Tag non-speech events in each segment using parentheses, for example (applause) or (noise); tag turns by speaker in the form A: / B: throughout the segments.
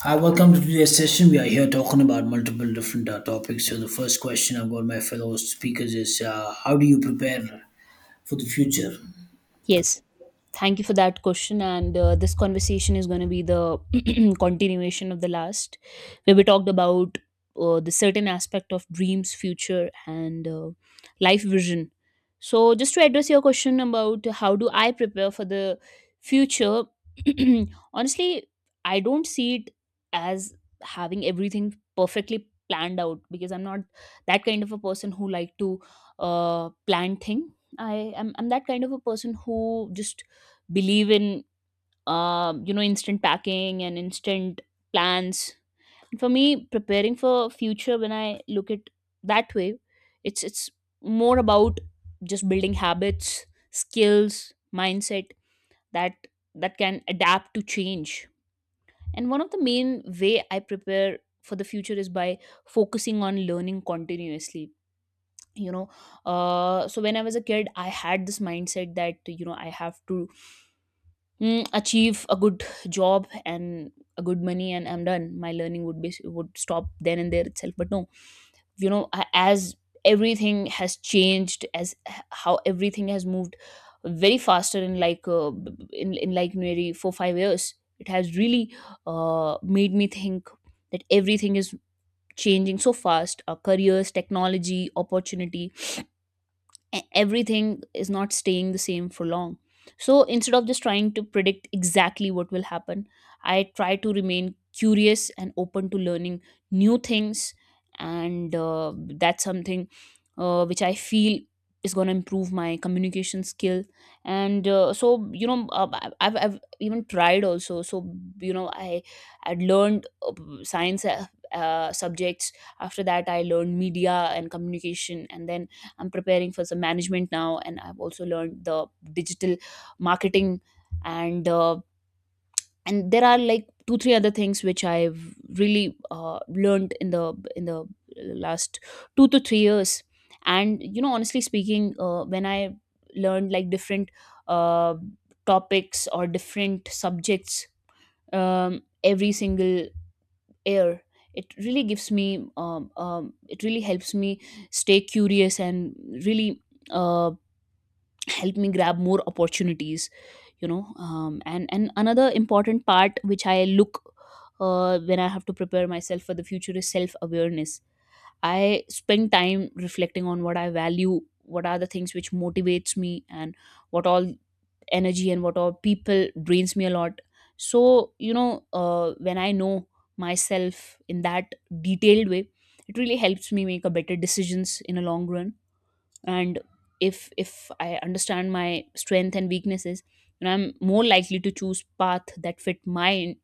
A: Hi, welcome to today's session. We are here talking about multiple different topics. So, the first question I've got my fellow speakers is how do you prepare for the future?
B: Yes. Thank you for that question. And this conversation is going to be the (clears throat) continuation of the last, where we talked about the certain aspect of dreams, future, and life vision. So, just to address your question about how do I prepare for the future, (clears throat) honestly, I don't see it as having everything perfectly planned out because I'm not that kind of a person who like to plan things. I'm that kind of a person who just believe in you know instant packing and instant plans. For me, preparing for future when I look at that way, it's more about just building habits, skills, mindset that that can adapt to change. And one of the main way I prepare for the future is by focusing on learning continuously. you know so when I was a kid I had this mindset that I have to achieve a good job and a good money and I'm done, my learning would be would stop then and there itself. But no, you know, as everything has changed, how everything has moved very faster in like in like nearly 4 5 years, it has really made me think that everything is changing so fast. Our careers, technology, opportunity, everything is not staying the same for long. So instead of just trying to predict exactly what will happen, I try to remain curious and open to learning new things. And that's something which I feel is going to improve my communication skill. And I've even tried also. So, you know, I had learned science subjects. After that, I learned media and communication. And then I'm preparing for some management now, and I've also learned the digital marketing and and there are like 2 3 other things which I've really learned in the last 2 to 3 years. And you know, honestly speaking, when I learned like different uh, topics or different subjects every single year, it really gives me it really helps me stay curious and really um, help me grab more opportunities, you know. And another important part which I look when I have to prepare myself for the future is self awareness. I spend time reflecting on what I value, what are the things which motivates me, and what all energy and what all people drains me a lot. So, you know, when I know myself in that detailed way, it really helps me make a better decisions in a long run. And if I understand my strength and weaknesses, then I'm more likely to choose path that fit my in-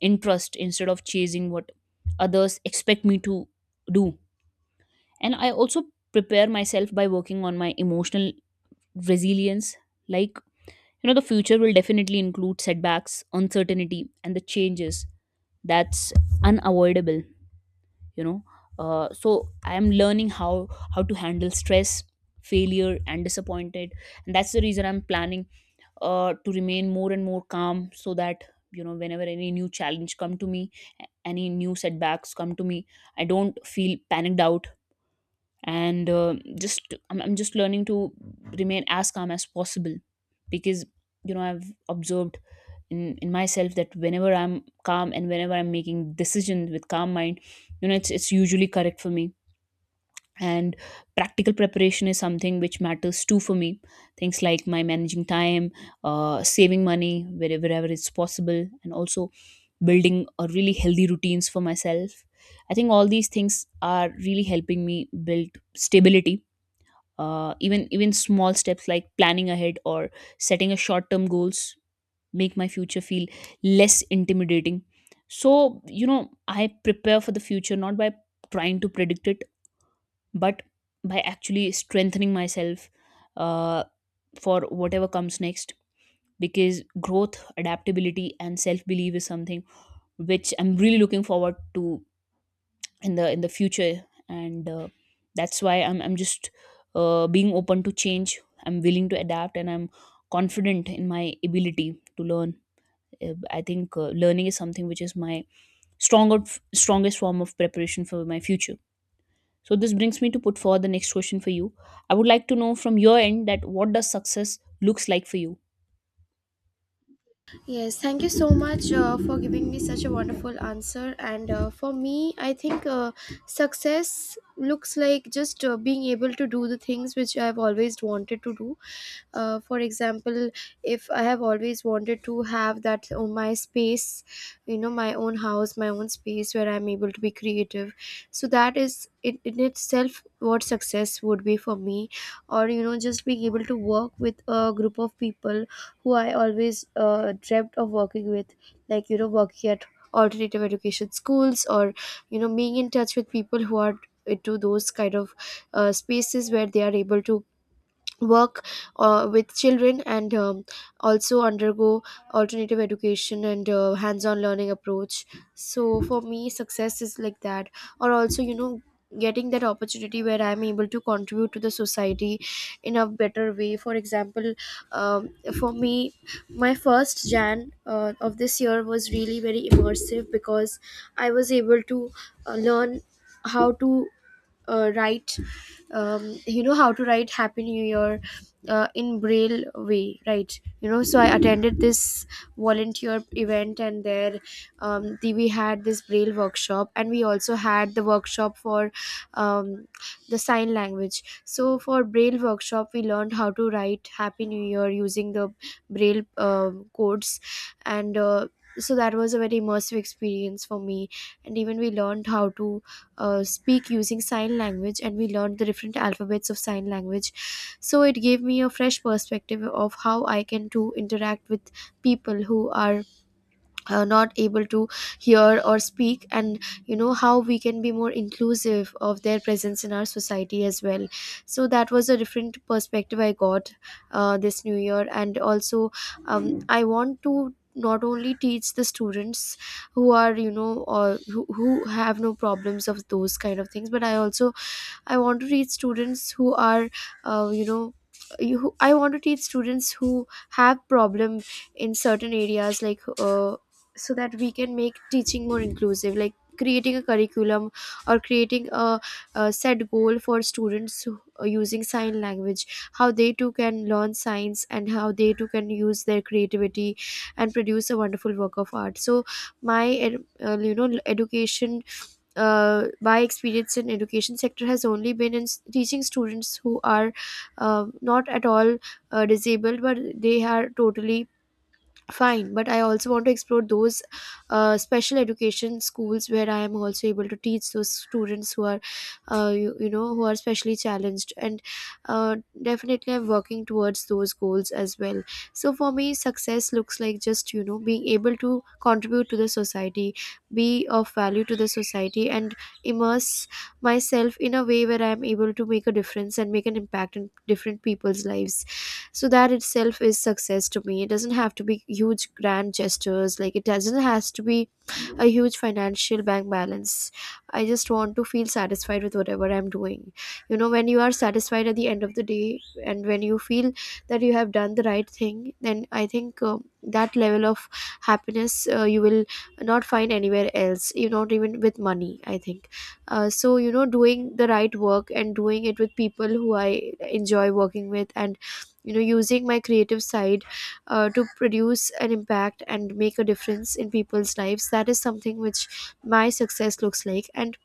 B: interest instead of chasing what others expect me to do. And I also prepare myself by working on my emotional resilience. Like, you know, the future will definitely include setbacks, uncertainty and the changes. That's unavoidable, you know. So I am learning how to handle stress, failure and disappointed. And that's the reason I'm planning to remain more and more calm so that, you know, whenever any new challenge come to me, any new setbacks come to me, I don't feel panicked out. And I'm just learning to remain as calm as possible. Because, you know, I've observed in myself that whenever I'm calm and whenever I'm making decisions with calm mind, you know, it's usually correct for me. And practical preparation is something which matters too for me. Things like my managing time, saving money wherever it's possible, and also building a really healthy routines for myself. I think all these things are really helping me build stability. Even small steps like planning ahead or setting a short term goals make my future feel less intimidating. So, you know, I prepare for the future not by trying to predict it, but by actually strengthening myself uh, for whatever comes next. Because growth, adaptability and self belief is something which I'm really looking forward to in the future. And that's why I'm just being open to change, I'm willing to adapt, and I'm confident in my ability to learn. I think learning is something which is my stronger strongest form of preparation for my future. So this brings me to put forward the next question for you. I would like to know from your end, that what does success looks like for you?
C: Yes, thank you so much for giving me such a wonderful answer. And for me, I think success looks like just being able to do the things which I've always wanted to do, for example, if I have always wanted to have that my space, you know, my own house, my own space where I'm able to be creative. So that is it in itself what success would be for me, or, you know, just being able to work with a group of people who I always dreamt of working with, like, you know, working at alternative education schools, or you know, being in touch with people who are into those kind of spaces where they are able to work with children, and also undergo alternative education and hands-on learning approach. So for me success is like that. Or, also, you know, getting that opportunity where I'm able to contribute to the society in a better way. For example, um, for me, my first jan of this year was really very immersive, because I was able to learn how to write, you know, how to write happy new year in braille way, right, you know. So I attended this volunteer event, and there we had this braille workshop, and we also had the workshop for um, the sign language. So for braille workshop we learned how to write happy new year using the braille codes. And so that was a very immersive experience for me. And even we learned how to speak using sign language, and we learned the different alphabets of sign language. So it gave me a fresh perspective of how I can to interact with people who are not able to hear or speak, and you know how we can be more inclusive of their presence in our society as well. So that was a different perspective I got this new year. And also, I want to not only teach the students who are, you know, or who have no problems of those kind of things, but I also, I want to teach students who are, uh, you know, I want to teach students who have problem in certain areas, like, so that we can make teaching more inclusive, like creating a curriculum, or creating a set goal for students using sign language, how they too can learn science and how they too can use their creativity and produce a wonderful work of art. So my ed- you know education, my experience in education sector has only been in teaching students who are not at all disabled, but they are totally fine. But I also want to explore those special education schools where I am also able to teach those students who are you know, who are specially challenged. And uh, definitely I'm working towards those goals as well. So for me success looks like, just, you know, being able to contribute to the society, be of value to the society, and immerse myself in a way where I am able to make a difference and make an impact in different people's lives. So that itself is success to me. It doesn't have to be huge grand gestures, like it doesn't has to be a huge financial bank balance. I just want to feel satisfied with whatever I'm doing. You know, when you are satisfied at the end of the day, and when you feel that you have done the right thing, then I think that level of happiness you will not find anywhere else, you not even with money, I think. So, you know, doing the right work and doing it with people who I enjoy working with, and you know, using my creative side to produce an impact and make a difference in people's lives, that is something which my success looks like. And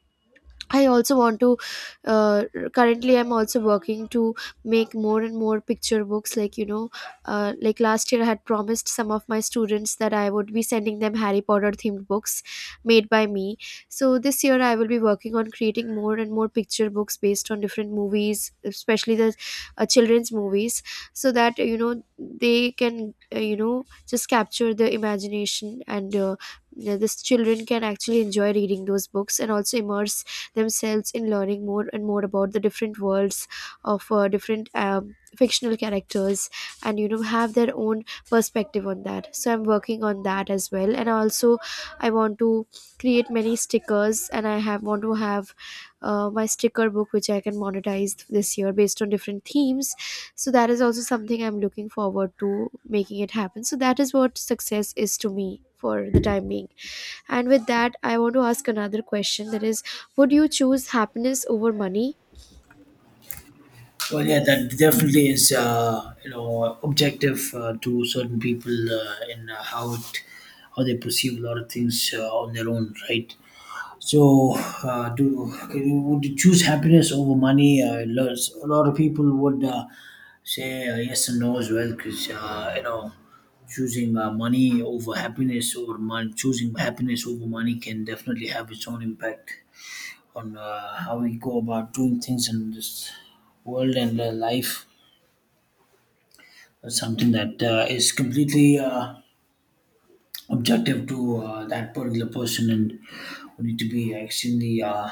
C: I also want to, uh, currently I'm also working to make more and more picture books, like, you know, like last year I had promised some of my students that I would be sending them Harry Potter themed books made by me. So this year I will be working on creating more and more picture books based on different movies, especially the children's movies. So that you know they can, you know, just capture the imagination. And yeah, this children can actually enjoy reading those books and also immerse themselves in learning more and more about the different worlds of different fictional characters, and you know have their own perspective on that. So I'm working on that as well. And also I want to create many stickers, and I have want to have my sticker book which I can monetize this year based on different themes. So that is also something I'm looking forward to making it happen. So that is what success is to me for the time being. And with that, I want to ask another question, that is, would you choose happiness over money?
A: Well, yeah, that definitely is, objective to certain people in how it, how they perceive a lot of things on their own, right? So, do can you, would you choose happiness over money? A lot of people would say yes and no as well, because choosing money over happiness or choosing happiness over money can definitely have its own impact on how we go about doing things in this world and life. That's something that is completely objective to that particular person, and we need to be extremely. Uh,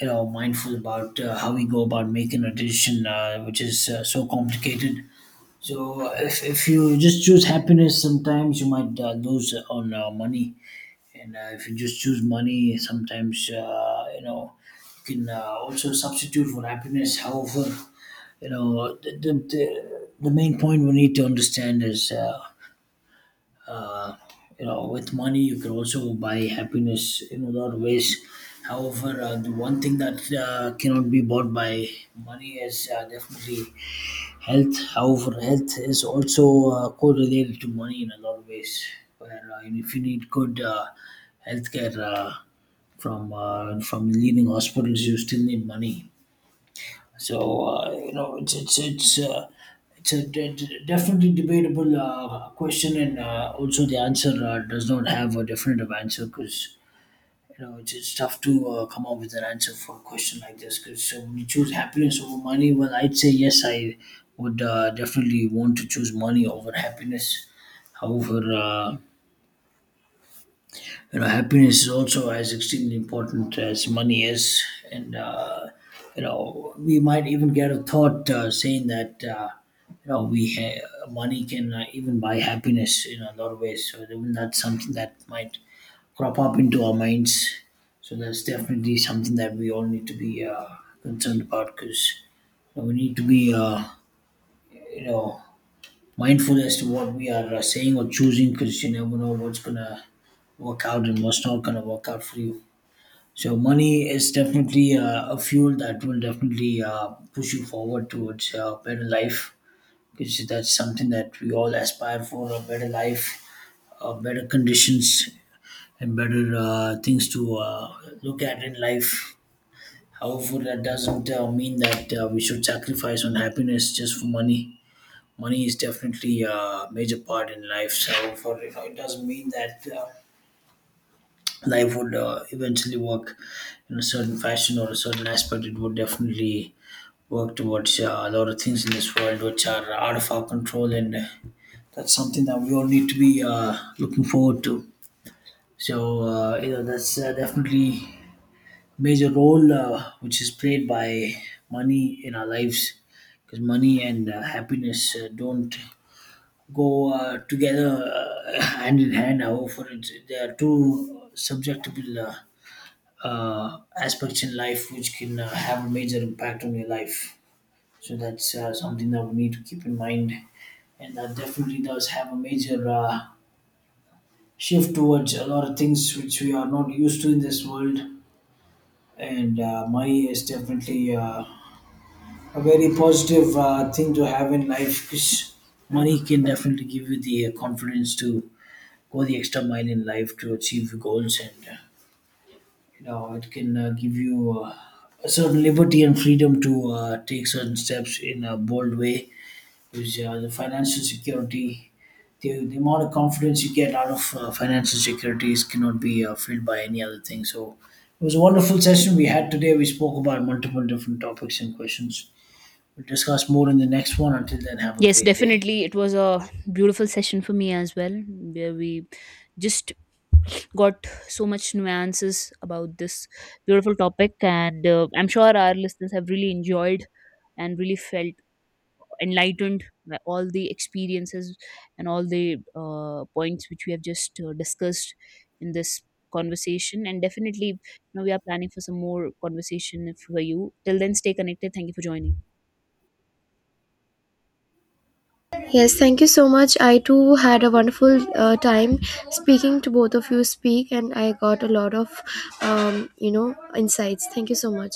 A: you know Mindful about how we go about making a decision which is so complicated. So if you just choose happiness, sometimes you might lose on money, and if you just choose money, sometimes you can also substitute for happiness. However, you know the main point we need to understand is uh, with money you can also buy happiness in a lot of ways. However, the one thing that cannot be bought by money is definitely health. However, health is also correlated to money in a lot of ways, where if you need good healthcare from leading hospitals, you still need money. So it's a definitely debatable question, and also the answer does not have a definitive answer, because it's tough to come up with an answer for a question like this. Because when you choose happiness over money, well, I'd say yes, I would definitely want to choose money over happiness. However, happiness is also as extremely important as money is, and we might even get a thought saying that you know we ha- money can even buy happiness in a lot of ways. So even that's something that might crop up into our minds. So that's definitely something that we all need to be concerned about, because we need to be you know mindful as to what we are saying or choosing, because you never know what's gonna work out and what's not gonna work out for you. So money is definitely a fuel that will definitely push you forward towards a better life, because that's something that we all aspire for: a better life, better conditions, and better things to look at in life. However, that doesn't mean that we should sacrifice on happiness just for money. Money is definitely a major part in life. It doesn't mean that life would eventually work in a certain fashion or a certain aspect. It would definitely work towards a lot of things in this world which are out of our control, and that's something that we all need to be looking forward to. So that's definitely major role which is played by money in our lives, because money and happiness don't go together, (laughs) hand in hand. However, for it, there are two subjectable aspects in life which can have a major impact on your life. So that's something that we need to keep in mind, and that definitely does have a major shift towards a lot of things which we are not used to in this world. And money is definitely. A very positive thing to have in life, because money can definitely give you the confidence to go the extra mile in life to achieve your goals, and it can give you a certain liberty and freedom to take certain steps in a bold way, because the financial security the amount of confidence you get out of financial securities cannot be filled by any other thing. So it was a wonderful session we had today. We spoke about multiple different topics and questions. We'll discuss more in the next one. Until then, have a
B: Yes,
A: great day.
B: definitely. It was a beautiful session for me as well, where we just got so much nuances about this beautiful topic. And I'm sure our listeners have really enjoyed and really felt enlightened by all the experiences and all the points which we have just discussed in this conversation. And definitely, you know, we are planning for some more conversation for you. Till then, stay connected. Thank you for joining.
C: Yes, thank you so much. I too had a wonderful time speaking to both of you speak, and I got a lot of, you know, insights. Thank you so much.